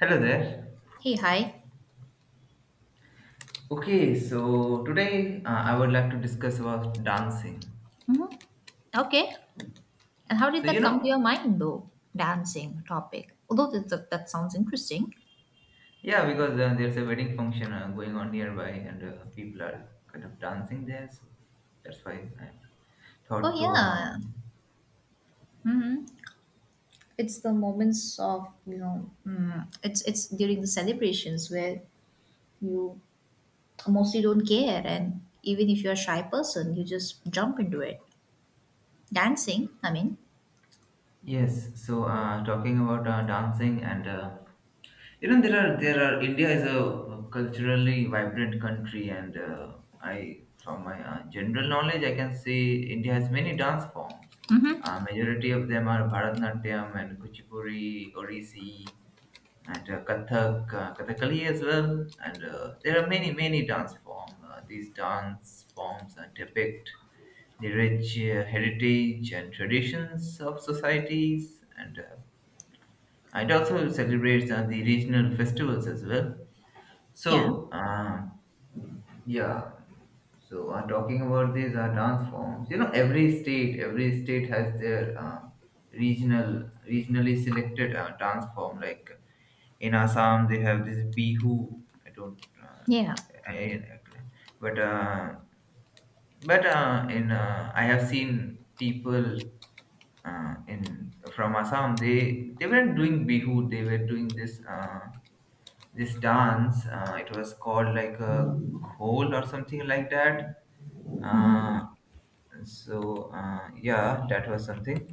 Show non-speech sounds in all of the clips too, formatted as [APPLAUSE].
Hello there. Hey, hi. Okay, so today I would like to discuss about dancing. hmm Okay. And how So did you that come to your know, mind, though? Dancing topic. Although that sounds interesting. yeah, because there's a wedding function going on nearby, and people are kind of dancing there. So that's why I Oh thought to yeah. Hmm It's the moments of It's during the celebrations where you mostly don't care, and even if you're a shy person, you just jump into it. Dancing. Yes. So talking about dancing and you know, there are India is a culturally vibrant country, and I, from my general knowledge, I can say India has many dance forms. Majority of them are Bharatanatyam and Kuchipuri, Orisi, and Kathak, Kathakali as well. And there are many dance forms. These dance forms depict the rich heritage and traditions of societies, and it also celebrates the regional festivals as well, Yeah, so, yeah. So, talking about these dance forms, you know, every state has their regionally selected dance form. Like in Assam, they have this bihu. I don't, yeah. I, but in I have seen people in from Assam, they weren't doing bihu. They were doing this this dance. It was called like a ghol or something like that. Uh, yeah, that was something.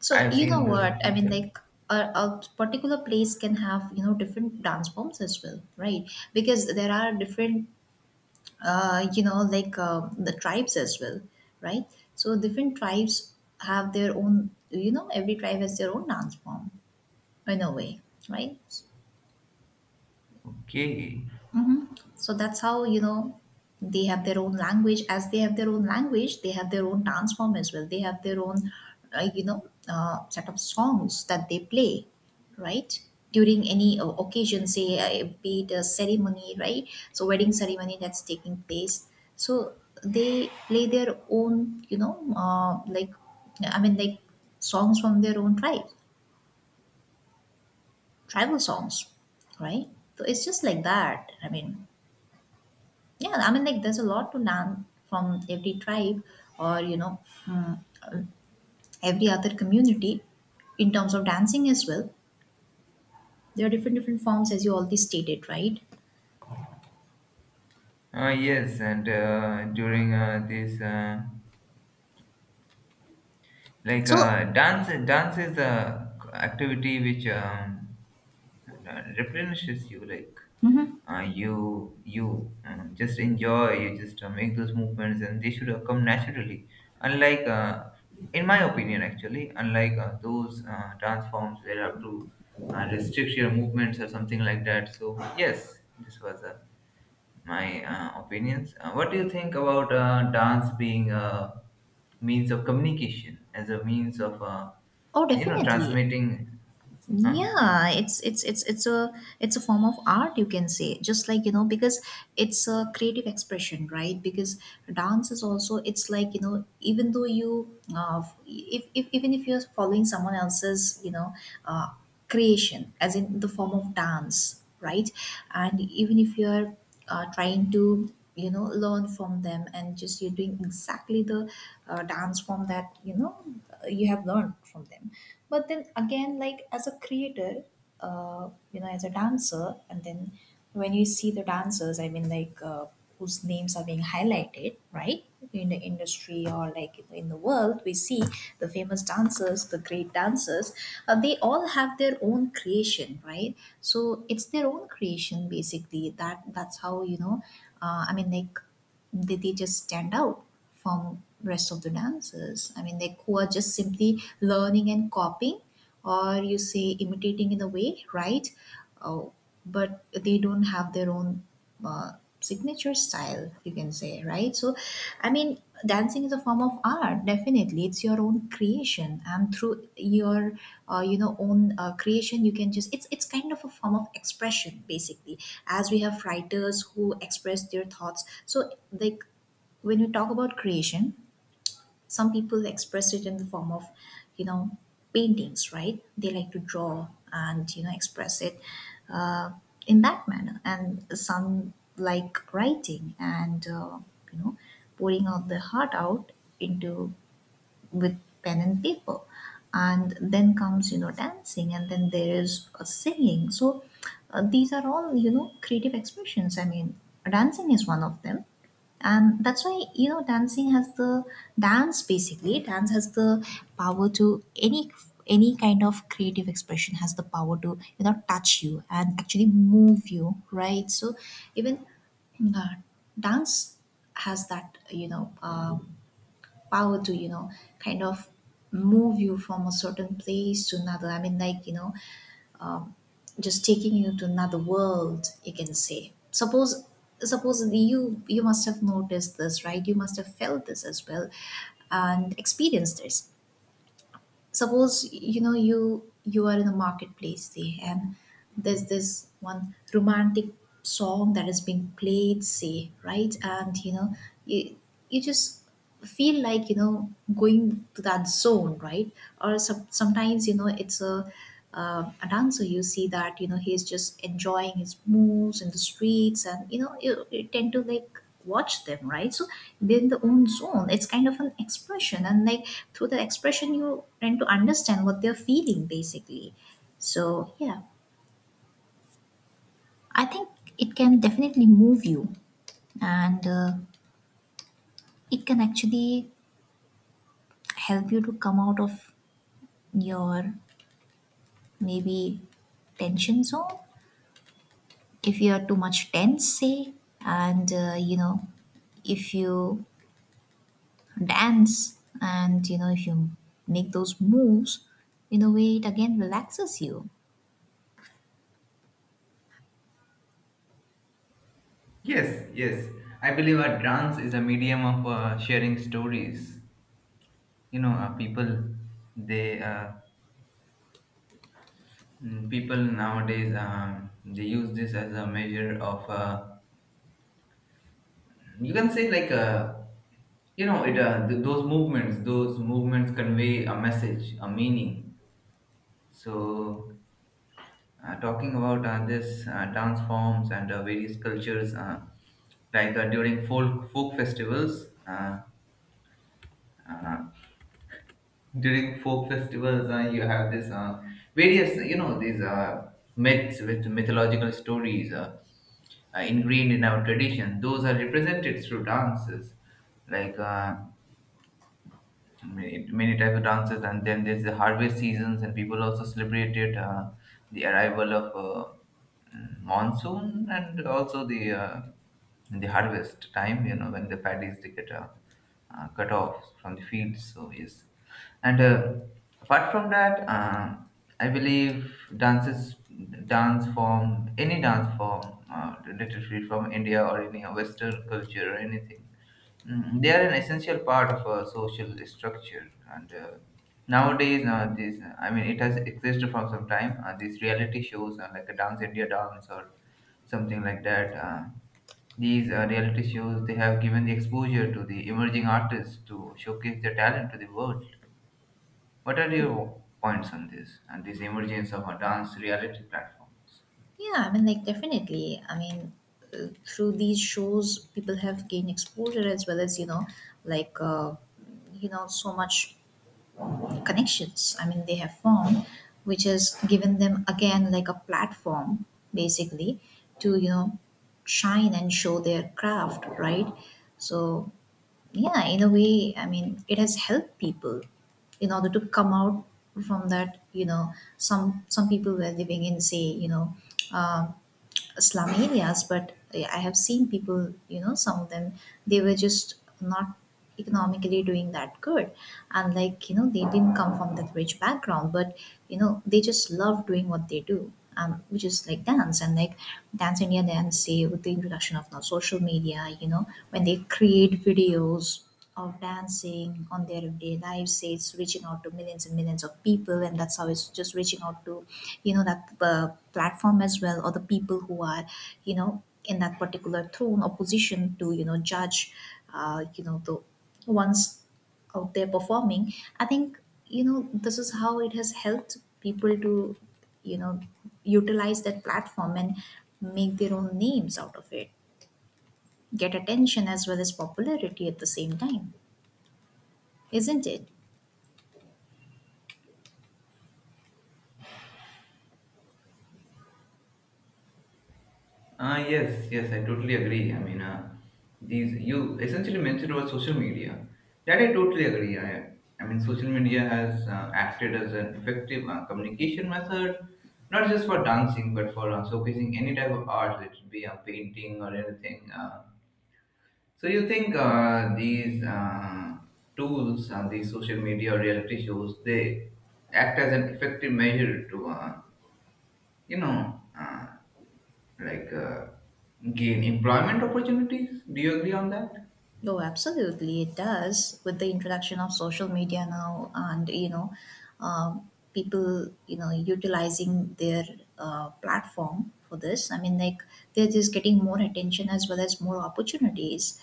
So I've you know seen those what I mean, people. like a, a particular place can have different dance forms as well, right? Because there are different the tribes as well, right? So different tribes have their own, every tribe has their own dance form in a way, right? Okay. Mhm. So that's how, they have their own language. As they have their own language, they have their own dance form as well. They have their own, set of songs that they play, right? During any occasion, say, be it a ceremony, right? So, wedding ceremony that's taking place. So, they play their own, I mean, like songs from their own tribe, tribal songs, right? So, it's just like that. Yeah, there's a lot to learn from every tribe or, mm, every other community in terms of dancing as well. There are different, different forms, as you already stated, right? Yes, and during this So, dance is a activity which replenishes you. Like mhm. You just enjoy, you just make those movements and they should come naturally, unlike in my opinion, actually, unlike those dance forms where you have to restrict your movements or something like that. So yes, this was my opinions. What do you think about dance being a means of communication, as a means of Oh, you know, definitely. transmitting? Huh? Yes. Yeah, it's a form of art, you can say, just like because it's a creative expression, right? Because dance is also, it's like even though you if even if you're following someone else's uh, creation as in the form of dance, right? And even if you're trying to learn from them and just you're doing exactly the dance form that you have learned from them. But then again, like, as a creator, as a dancer, and then when you see the dancers, whose names are being highlighted, right? In the industry or like in the world, we see the famous dancers, the great dancers, they all have their own creation, right? So it's their own creation basically. That's how, Uh, I mean, like did they just stand out from rest of the dancers, who are just simply learning and copying, or you say imitating in a way, right? Oh, but they don't have their own uh, signature style, you can say, right? So i mean dancing is a form of art, definitely. It's your own creation, and through your own creation you can just, it's kind of a form of expression basically, as we have writers who express their thoughts. So like when you talk about creation, some people express it in the form of, you know paintings, right? They like to draw and express it uh, in that manner, and some like writing, and you know pouring out the heart out into, with pen and paper. And then comes, dancing, and then there is singing. So these are all, creative expressions. Dancing is one of them, and that's why, dancing has the dance basically dance has the power to any kind of creative expression has the power to, touch you and actually move you, right? So even uh, dance has that, power to, kind of move you from a certain place to another, just taking you to another world, you can say. Suppose you, you must have noticed this, right? You must have felt this as well, and experienced this. Suppose, you, you are in a marketplace, say, and there's this one romantic song that is being played, say, right? And you, you just feel like, going to that zone, right? Or sometimes, it's a dancer, you see that, he's just enjoying his moves in the streets, and you, you tend to like watch them, right? So they're in their own zone. It's kind of an expression, and like through the expression you tend to understand what they're feeling basically. So yeah, I think it can definitely move you, and it can actually help you to come out of your maybe tension zone, if you are too much tense, say. And if you dance, and if you make those moves, in a way it again relaxes you. Yes, yes. I believe a dance is a medium of sharing stories. You know, people, they people nowadays they use this as a measure of you can say like a you know, it those movements convey a message, a meaning. So talking about this dance forms and various cultures, like during folk festivals. Uh, During folk festivals, you have this various, you know, these myths with mythological stories ingrained in our tradition, those are represented through dances, like many, many types of dances. And then there's the harvest seasons, and people also celebrated the arrival of monsoon, and also the harvest time, you know, when the paddies they get cut off from the fields. So yes, and apart from that, I believe dances, dance form, any dance form literally from India or any western culture or anything, mm, they are an essential part of a social structure. And nowadays this, I mean, it has existed from some time, these reality shows like a Dance India Dance or something like that. These reality shows, they have given the exposure to the emerging artists to showcase their talent to the world. What are your points on this, and this emergence of a dance reality platforms? Yeah, definitely. Through these shows, people have gained exposure, as well as, like, uh, so much connections. They have formed, which has given them, again, like a platform, basically, to, shine and show their craft, right? So, yeah, in a way, it has helped people in order to come out from that, some people were living in, say, um, slum areas. But yeah, I have seen people, some of them, they were just not economically doing that good, and like, they didn't come from that rich background. But they just love doing what they do, which is like dance. And like Dance India Dance, say, with the introduction of now social media, when they create videos of dancing on their everyday lives, say, it's reaching out to millions and millions of people, and that's how it's just reaching out to, that platform as well, or the people who are, in that particular throne or position to, judge, the ones out there performing. I think, this is how it has helped people to, you know, utilize that platform and make their own names out of it, get attention as well as popularity at the same time. Isn't it? Ah, yes, yes, I totally agree. I mean, these, you essentially mentioned about social media. That I totally agree. I mean, social media has acted as an effective communication method, not just for dancing, but for showcasing any type of art, let it be a painting or anything. So you think these tools, these social media or reality shows, they act as an effective measure to, you know, like gain employment opportunities. Do you agree on that? Oh, absolutely, it does. With the introduction of social media now, and people, utilizing their platform for this. They're just getting more attention as well as more opportunities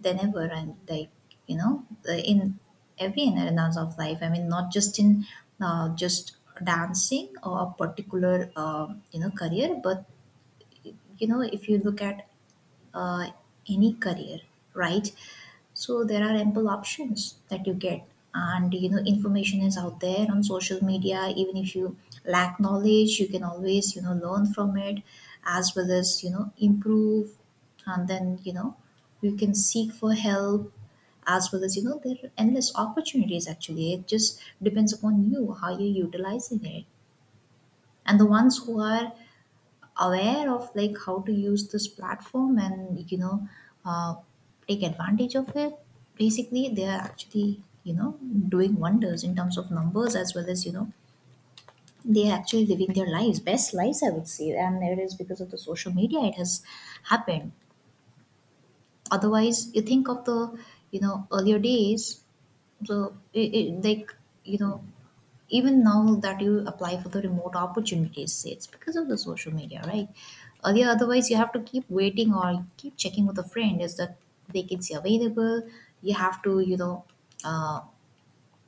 than ever, and like, in every arenas of life. Not just in just dancing or a particular career, but if you look at uh, any career, right? So there are ample options that you get, and information is out there on social media. Even if you lack knowledge, you can always, learn from it, as well as, improve, and then, you can seek for help, as well as, there are endless opportunities actually. It just depends upon you how you're utilizing it. And the ones who are aware of like how to use this platform, and uh, take advantage of it, basically they are actually, doing wonders in terms of numbers, as well as, they are actually living their lives best lives, I would say. And it is because of the social media, it has happened. Otherwise, you think of the, earlier days, the it, it, like you know even now that you apply for the remote opportunities, say, it's because of the social media, right? Earlier, otherwise you have to keep waiting or keep checking with a friend. Is the vacancy available? You have to, you know uh,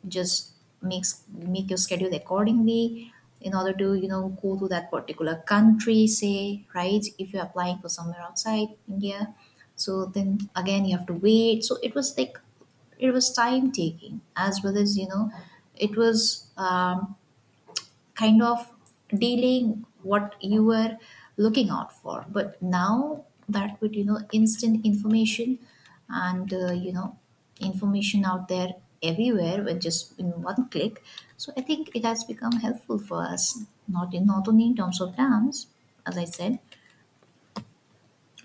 just makes make your schedule accordingly in order to, go to that particular country, say, right, if you're applying for somewhere outside India. So then again you have to wait. So it was like, it was time taking, as well as, it was, kind of delaying what you were looking out for. But now that with, instant information, and information out there everywhere with just in one click, so I think it has become helpful for us, not in not only in terms of dance, as I said,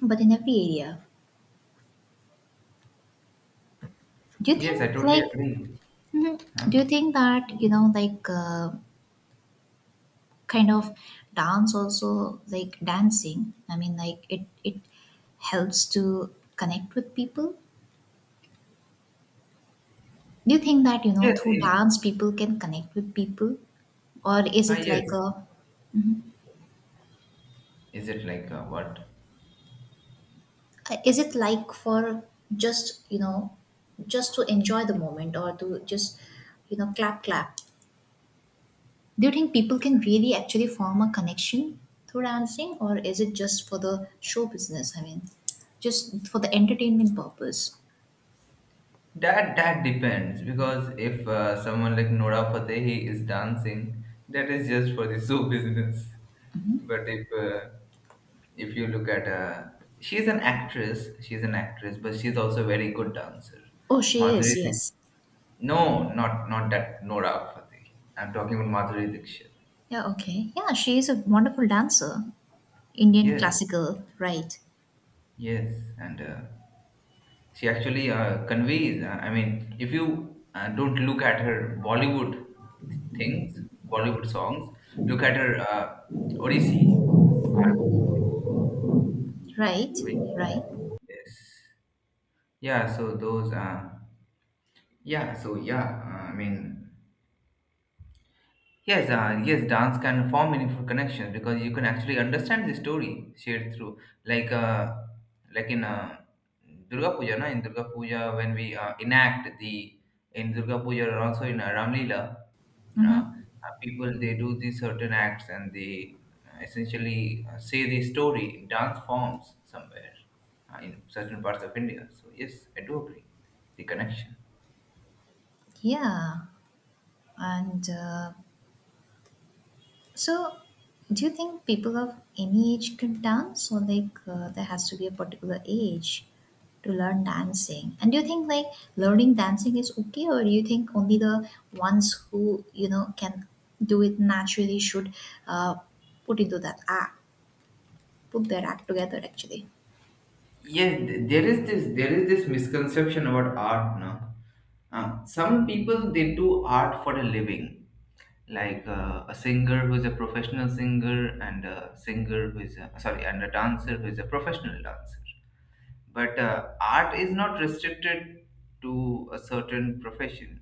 but in every area. Do you Yes, I think totally like, agree. mhm, Huh? do you think that, kind of dance also, like dancing, i mean like it it helps to connect with people? Do you think that, Yes, through in, dance people can connect with people, or is ah, it like yes. a, Is it like what? is it like for just, just to enjoy the moment, or to just, clap clap? Do you think people can really actually form a connection through dancing, or is it just for the show business? Just for the entertainment purpose? That, that depends, because if someone like Nora Fatehi is dancing, that is just for the [LAUGHS] show business. But if you look at she's an actress, but she's also a very good dancer. Oh, she Madhuri, is, Dik- yes. no, not that Nora Fatehi. I'm talking about Madhuri Dixit. Yeah, okay. Yeah, she is a wonderful dancer. Indian Yes, classical, right? yes, and she actually conveys. I mean, if you don't look at her Bollywood things, Bollywood songs, look at her Odissi art, Right? which Right? yes, yeah. So those, yeah. So yeah, I mean. Yes, yes, dance can form meaningful connections, because you can actually understand the story shared through, like, uh, like in Durga Puja, na? In Durga Puja, when we enact the in Durga Puja, or also in Ramlila, uh, uh, Mm-hmm. people, they do these certain acts, and they essentially say the story in dance forms somewhere in certain parts of India. So yes, I do agree the connection. Yeah. And uh, so, do you think people of any age could dance, or like there has to be a particular age to learn dancing? And do you think like learning dancing is okay, or do you think only the ones who you know can do it naturally should uh, put into that act, put their act together actually? Yes, there is this misconception about art now. Some people they do art for a living, like a singer who is a professional singer, and a singer who is a, sorry, and a dancer who is a professional dancer. But art is not restricted to a certain profession.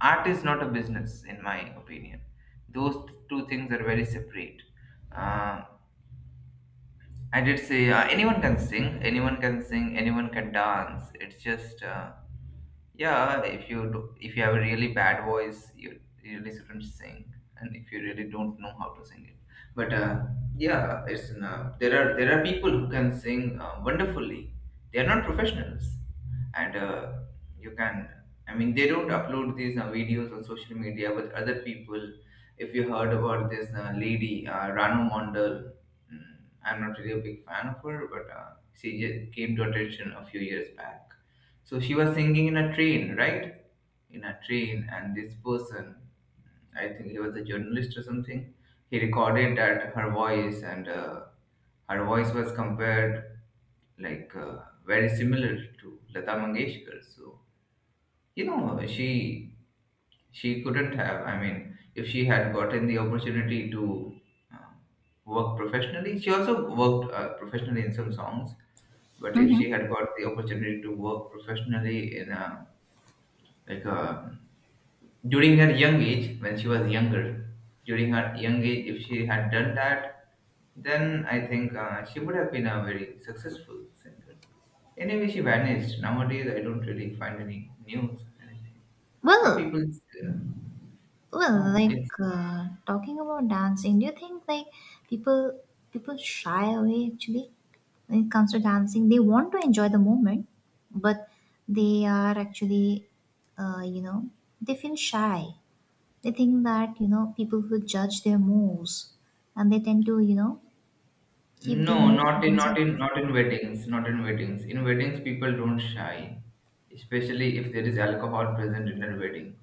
Art is not a business, in my opinion. Those two things are very separate. Uh, I did say anyone can dance. It's just yeah, if you do, if you have a really bad voice, you really shouldn't sing, and if you really don't know how to sing it. But yeah, it's there are people who can sing wonderfully. They are not professionals, and you can. I mean, they don't upload these videos on social media, but other people. If you heard about this lady, Ranu Mondal, mm, I'm not really a big fan of her, but she just came to attention a few years back. So she was singing in a train, right? In a train, and this person, I think he was a journalist or something, he recorded that her voice, and her voice was compared like very similar to Lata Mangeshkar. So you know, she couldn't have. I mean, if she had gotten the opportunity to uh, work professionally, she also worked professionally in some songs. But if she had got the opportunity to work professionally in a like a during her young age when she was younger, during her young age, if she had done that, then I think she would have been a very successful singer. Anyway, she vanished. Nowadays, I don't really find any news or anything. Are Well, people? Well, Huh, like yes. uh, talking about dancing, do you think like people people shy away actually when it comes to dancing? They want to enjoy the moment, but they are actually, you know, they feel shy. They think that you know people will judge their moves, and they tend to you know keep their No, moves to themselves. Not in weddings, not in weddings. In weddings, people don't shy, especially if there is alcohol present in a wedding.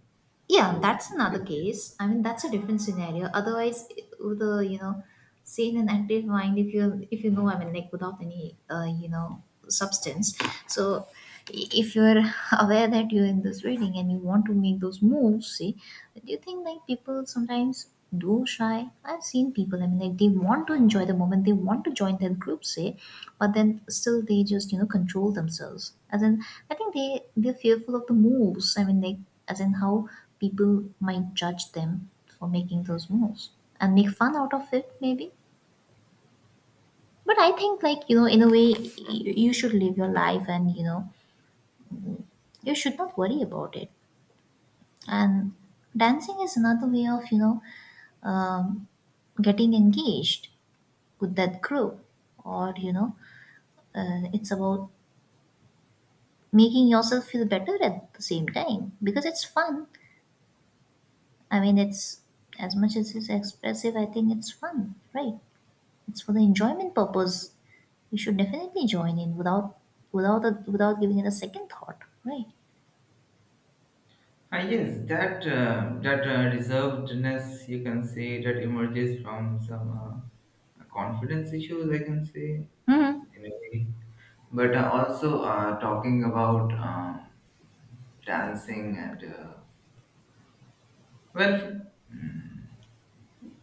Yeah, So, that's another case. I mean, that's a different scenario. Otherwise, with a you know, sane and active mind, if you know, I mean, like without any you know substance. So, if you're [LAUGHS] aware that you're in this reading and you want to make those moves, see, do you think like people sometimes? Do shy? I've seen people, I mean, like they want to enjoy the moment, they want to join that group, say, but then still they just, you know, control themselves. As in, I think they're fearful of the moves. I mean, like, as in how people might judge them for making those moves and make fun out of it, maybe. But I think, like, you know, in a way, you should live your life and, you know, you should not worry about it. And dancing is another way of, you know, um, getting engaged with that group or you know it's about making yourself feel better at the same time because it's fun. I mean, it's as much as it's expressive, I think it's fun, right? It's for the enjoyment purpose. You should definitely join in without without giving it a second thought, right? ah, yes, that that reservedness, you can say, that emerges from some confidence issues, I can say, Hmm. in a way. But also talking about dancing and well. Mm,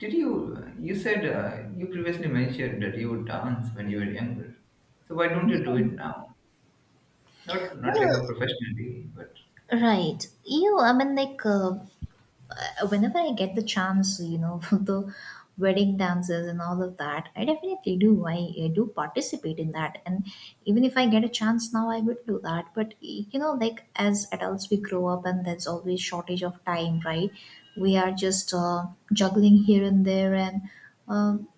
did you, you said you previously mentioned that you would dance when you were younger. So why don't you do it now? Not not like a well professionally, but right you i mean like uh, uh, whenever I get the chance, you know, [LAUGHS] the wedding dances and all of that, I definitely do. I do participate in that. And even if I get a chance now, I would do that. But, you know, like as adults, we grow up and there's always shortage of time, right? We are just juggling here and there and um,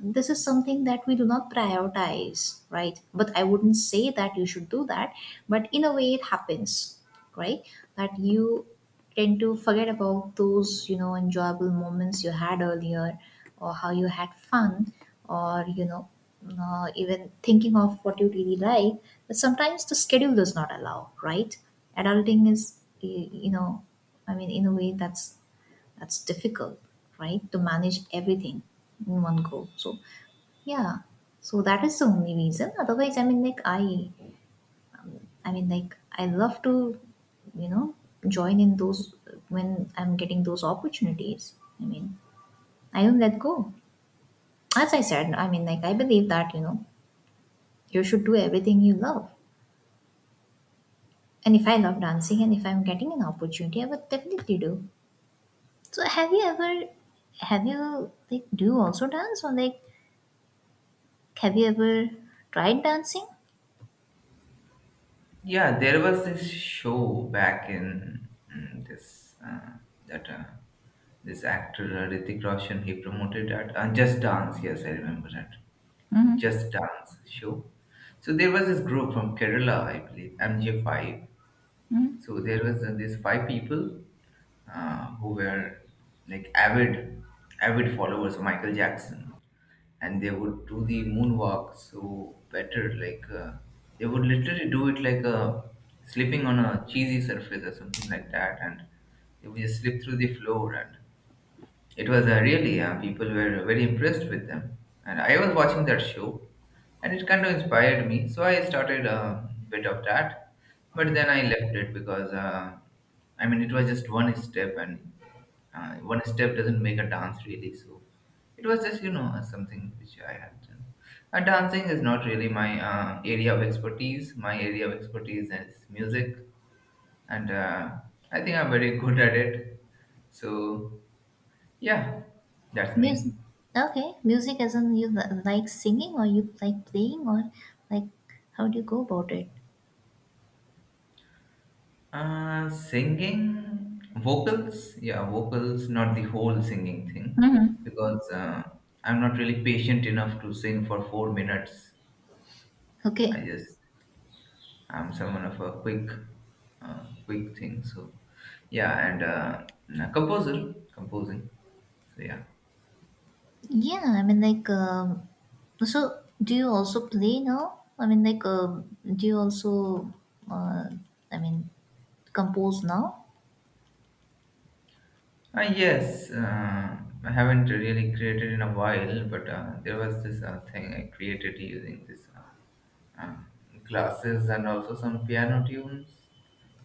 this is something that we do not prioritize, right? But I wouldn't say that you should do that, but in a way it happens, right? That you tend to forget about those, you know, enjoyable moments you had earlier or how you had fun or, you know, even thinking of what you really like. But sometimes the schedule does not allow, right? Adulting is, you know, I mean, in a way that's difficult, right? To manage everything in one go. So yeah. So that is the only reason. Otherwise, I mean, like I love to, you know, join in those when I'm getting those opportunities. I mean, I don't let go. As I said, I mean, like I believe that you know, you should do everything you love. And if I love dancing, and if I'm getting an opportunity, I would definitely do. So have you ever, have you like do you also dance, or like have you ever tried dancing? yeah, there was this show back in mm, this that this actor Hrithik Roshan, he promoted that Just Dance. Yes, I remember that. Just Dance show. So there was this group from Kerala, I believe, MJ5. So there was these five people who were like avid followers of Michael Jackson, and they would do the moonwalk so better. Like they would literally do it like a slipping on a cheesy surface or something like that, and they would just slip through the floor, and it was really, people were very impressed with them. And I was watching that show, and it kind of inspired me. So I started a bit of that. But then I left it because, I mean, it was just one step, and one step doesn't make a dance, really. So it was just, you know, something which I had done. And dancing is not really my area of expertise. My area of expertise is music. And I think I'm very [LAUGHS] good at it. So yeah, that's Music. me. Okay, music as in you like singing or you like playing or like how do you go about it? Singing vocals, yeah, vocals, not the whole singing thing, Hmm. because I'm not really patient enough to sing for 4 minutes. I Okay. just I'm someone of a quick, quick thing. So, yeah, and a composer, composing. So yeah, Yeah, I mean like so do you also play now? I mean like do you also uh, I mean compose now? Yes, I haven't really created in a while, but there was this thing I created using this uh, classes and also some piano tunes.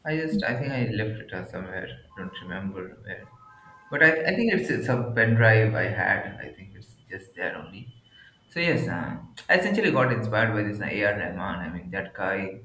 I just, I think I left it somewhere. I don't remember where. But I think it's a pen drive I had. I think it's just there only. So I essentially got inspired by this A.R. Rahman. I mean, that guy,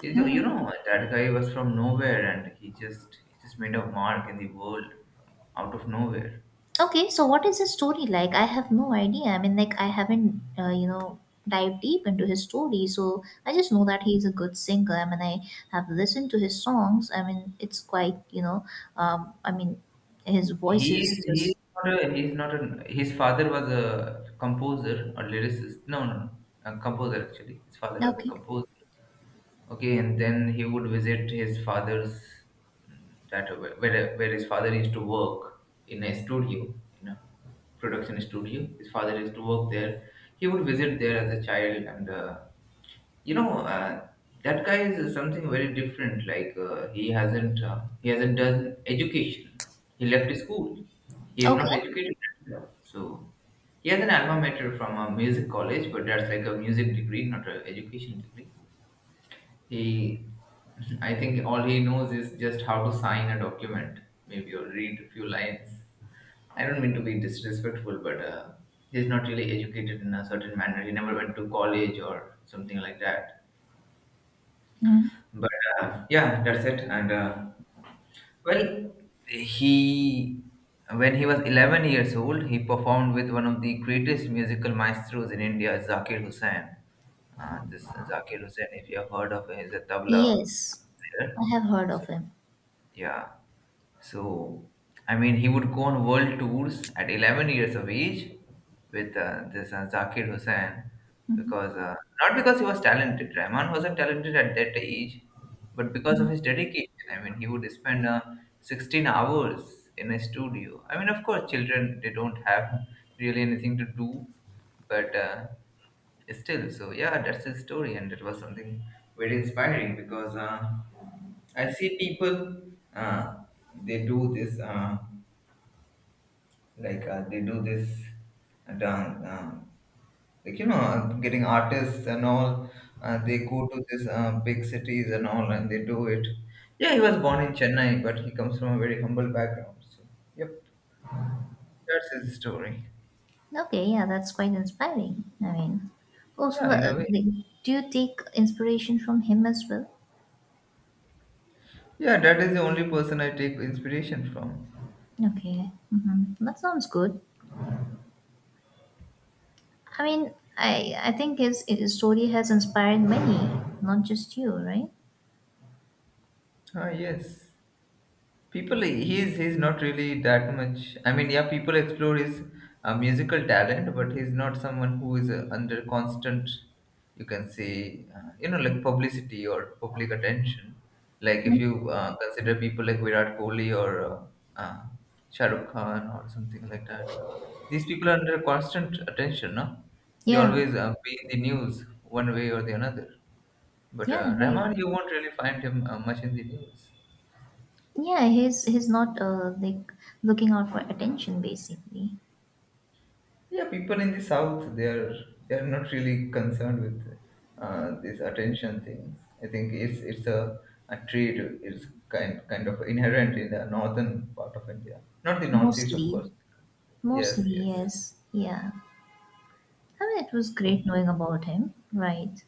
that guy was from nowhere and he just made a mark in the world from out of nowhere. Okay, so what is his story like? I have no idea. I mean, like, I haven't, you know, dived deep into his story. So I just know that he's a good singer. I mean, I have listened to his songs. I mean, it's quite, you know, I mean, his voice is He is just not a, he's not a, His father was a composer or lyricist. No, a composer actually. His father was a okay. composer. Okay, and then he would visit his father's that where his father used to work in a studio, in a production studio. His father used to work there. He would visit there as a child, and you know uh, that guy is something very different. He hasn't done education. He left his school. He is Okay. not educated at all. So he has an alma mater from a music college, but that's like a music degree, not an education degree he, [LAUGHS] I think all he knows is just how to sign a document, maybe or read a few lines. I don't mean to be disrespectful, but he's not really educated in a certain manner. He never went to college or something like that. Mhm. But yeah, that's it. And well, he, when he was 11 years old, he performed with one of the greatest musical maestros in India, Zakir Hussain. This Zakir Hussain, if you have heard of him, is a tabla Yes, player. I have heard So, of him. Yeah. So, I mean, he would go on world tours at 11 years of age with this Zakir Hussain, because not because he was talented. Rahman wasn't talented at that age, but because of his dedication. I mean, he would spend 16 hours in a studio. I mean, of course, children they don't have really anything to do, but still. So yeah, that's his story, and it was something very inspiring because. I see people, uh, they do this, uh, they do this dance, getting artists and all. They go to this big cities and all, and they do it. Yeah, he was born in Chennai, but he comes from a very humble background. So, yep, that's his story. Okay, yeah, that's quite inspiring. I mean, also, Yeah, in a way. like, do you take inspiration from him as well? Yeah, that is the only person I take inspiration from. Okay, hmm, that sounds good. I mean, I think his story has inspired many, not just you, right? Ah, yes. People, he's not really that much. I mean, yeah, people explore his musical talent, but he's not someone who is under constant, you can say, publicity or public attention. Like if you consider people like Virat Kohli or uh, Shah Rukh Khan or something like that, these people are under constant attention, no? They Yeah, always be in the news one way or the another. But yeah, right. Rahman, you won't really find him much in the news. Yeah, he's not like looking out for attention basically. Yeah, people in the south, they are, they are not really concerned with these attention things. I think it's a trait. It's kind of inherent in the northern part of India, not the northeast, of Mostly, course. Yes, mostly yes. yes, yeah. I mean, it was Oh, great knowing about him, right?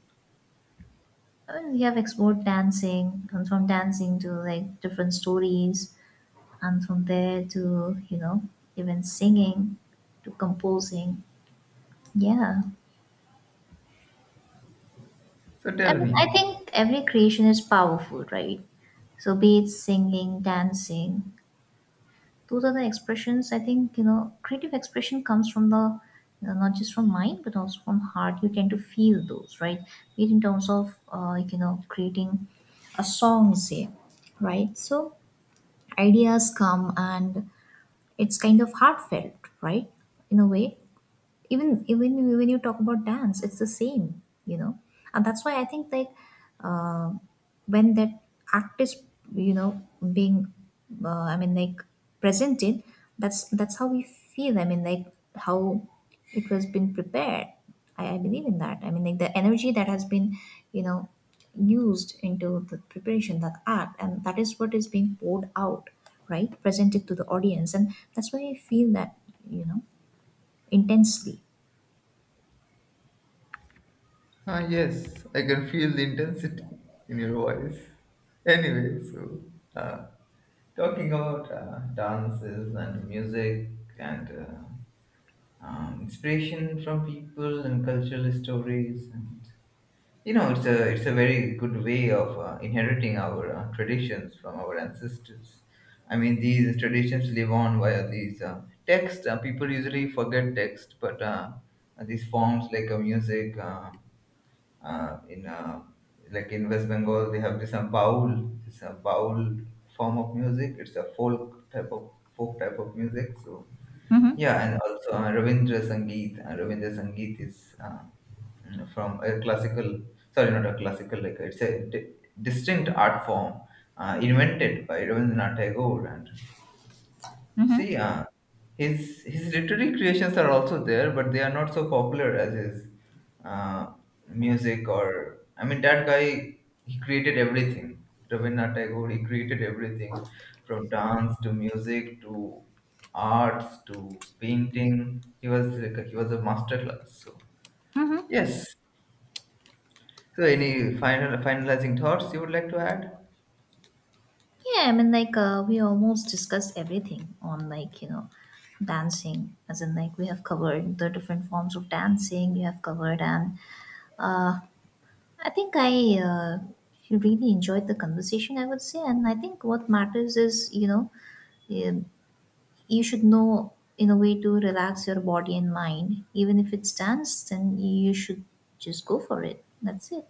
I mean, we have explored dancing, and from dancing to like different stories, and from there to you know even singing to composing. Yeah. so I tell mean, me. I think every creation is powerful, right? So, be it singing, dancing, those are the expressions. I think you know, creative expression comes from the you know, not just from mind but also from heart. You tend to feel those, right? Be it in terms of like, you know, creating a song, say, right? So, ideas come and it's kind of heartfelt, right? In a way, even when you talk about dance, it's the same, you know, and that's why I think like. Um, when that act is you know being uh, i mean like presented, that's how we feel. I mean, like how it was been prepared. I believe in that. I mean, like the energy that has been you know used into the preparation that act and that is what is being poured out, right, presented to the audience, and that's why I feel that you know intensely. Ah, yes, I can feel the intensity in your voice. Anyway, so uh, talking about dances and music and inspiration from people and cultural stories, and you know, it's a, it's a very good way of inheriting our traditions from our ancestors. I mean, these traditions live on via these text. People usually forget text, but these forms like music, in like in West Bengal, they have this baul form of music. It's a folk type of music. So yeah, and also Ravindra Sangeet. Ravindra Sangeet is from a classical, sorry, not a classical, like it's a distinct art form invented by Rabindranath Tagore. And see, his literary creations are also there, but they are not so popular as his uh, music. Or I mean, that guy, he created everything. Rabindranath Tagore, he created everything, from dance to music to arts to painting. He was like, he was a master class. So yes. So any final finalizing thoughts you would like to add? Yeah, I mean, like, we almost discussed everything on, like, you know, dancing, as in, like, we have covered the different forms of dancing, we have covered, and uh, I think I really enjoyed the conversation, I would say. And I think what matters is, you know, um, you should know in a way to relax your body and mind. Even if it's dance, then you should just go for it. That's it.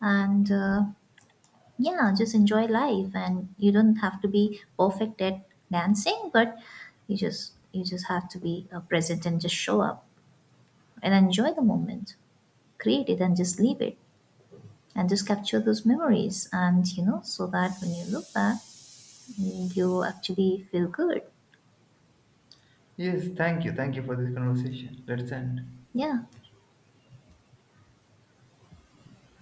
And, yeah, just enjoy life and you don't have to be perfect at dancing, but you just have to be present and just show up and enjoy the moment, create it and just leave it, and just capture those memories, and you know so that when you look back you actually feel good. Yes. Thank you. Thank you for this conversation. Let's end. Yeah.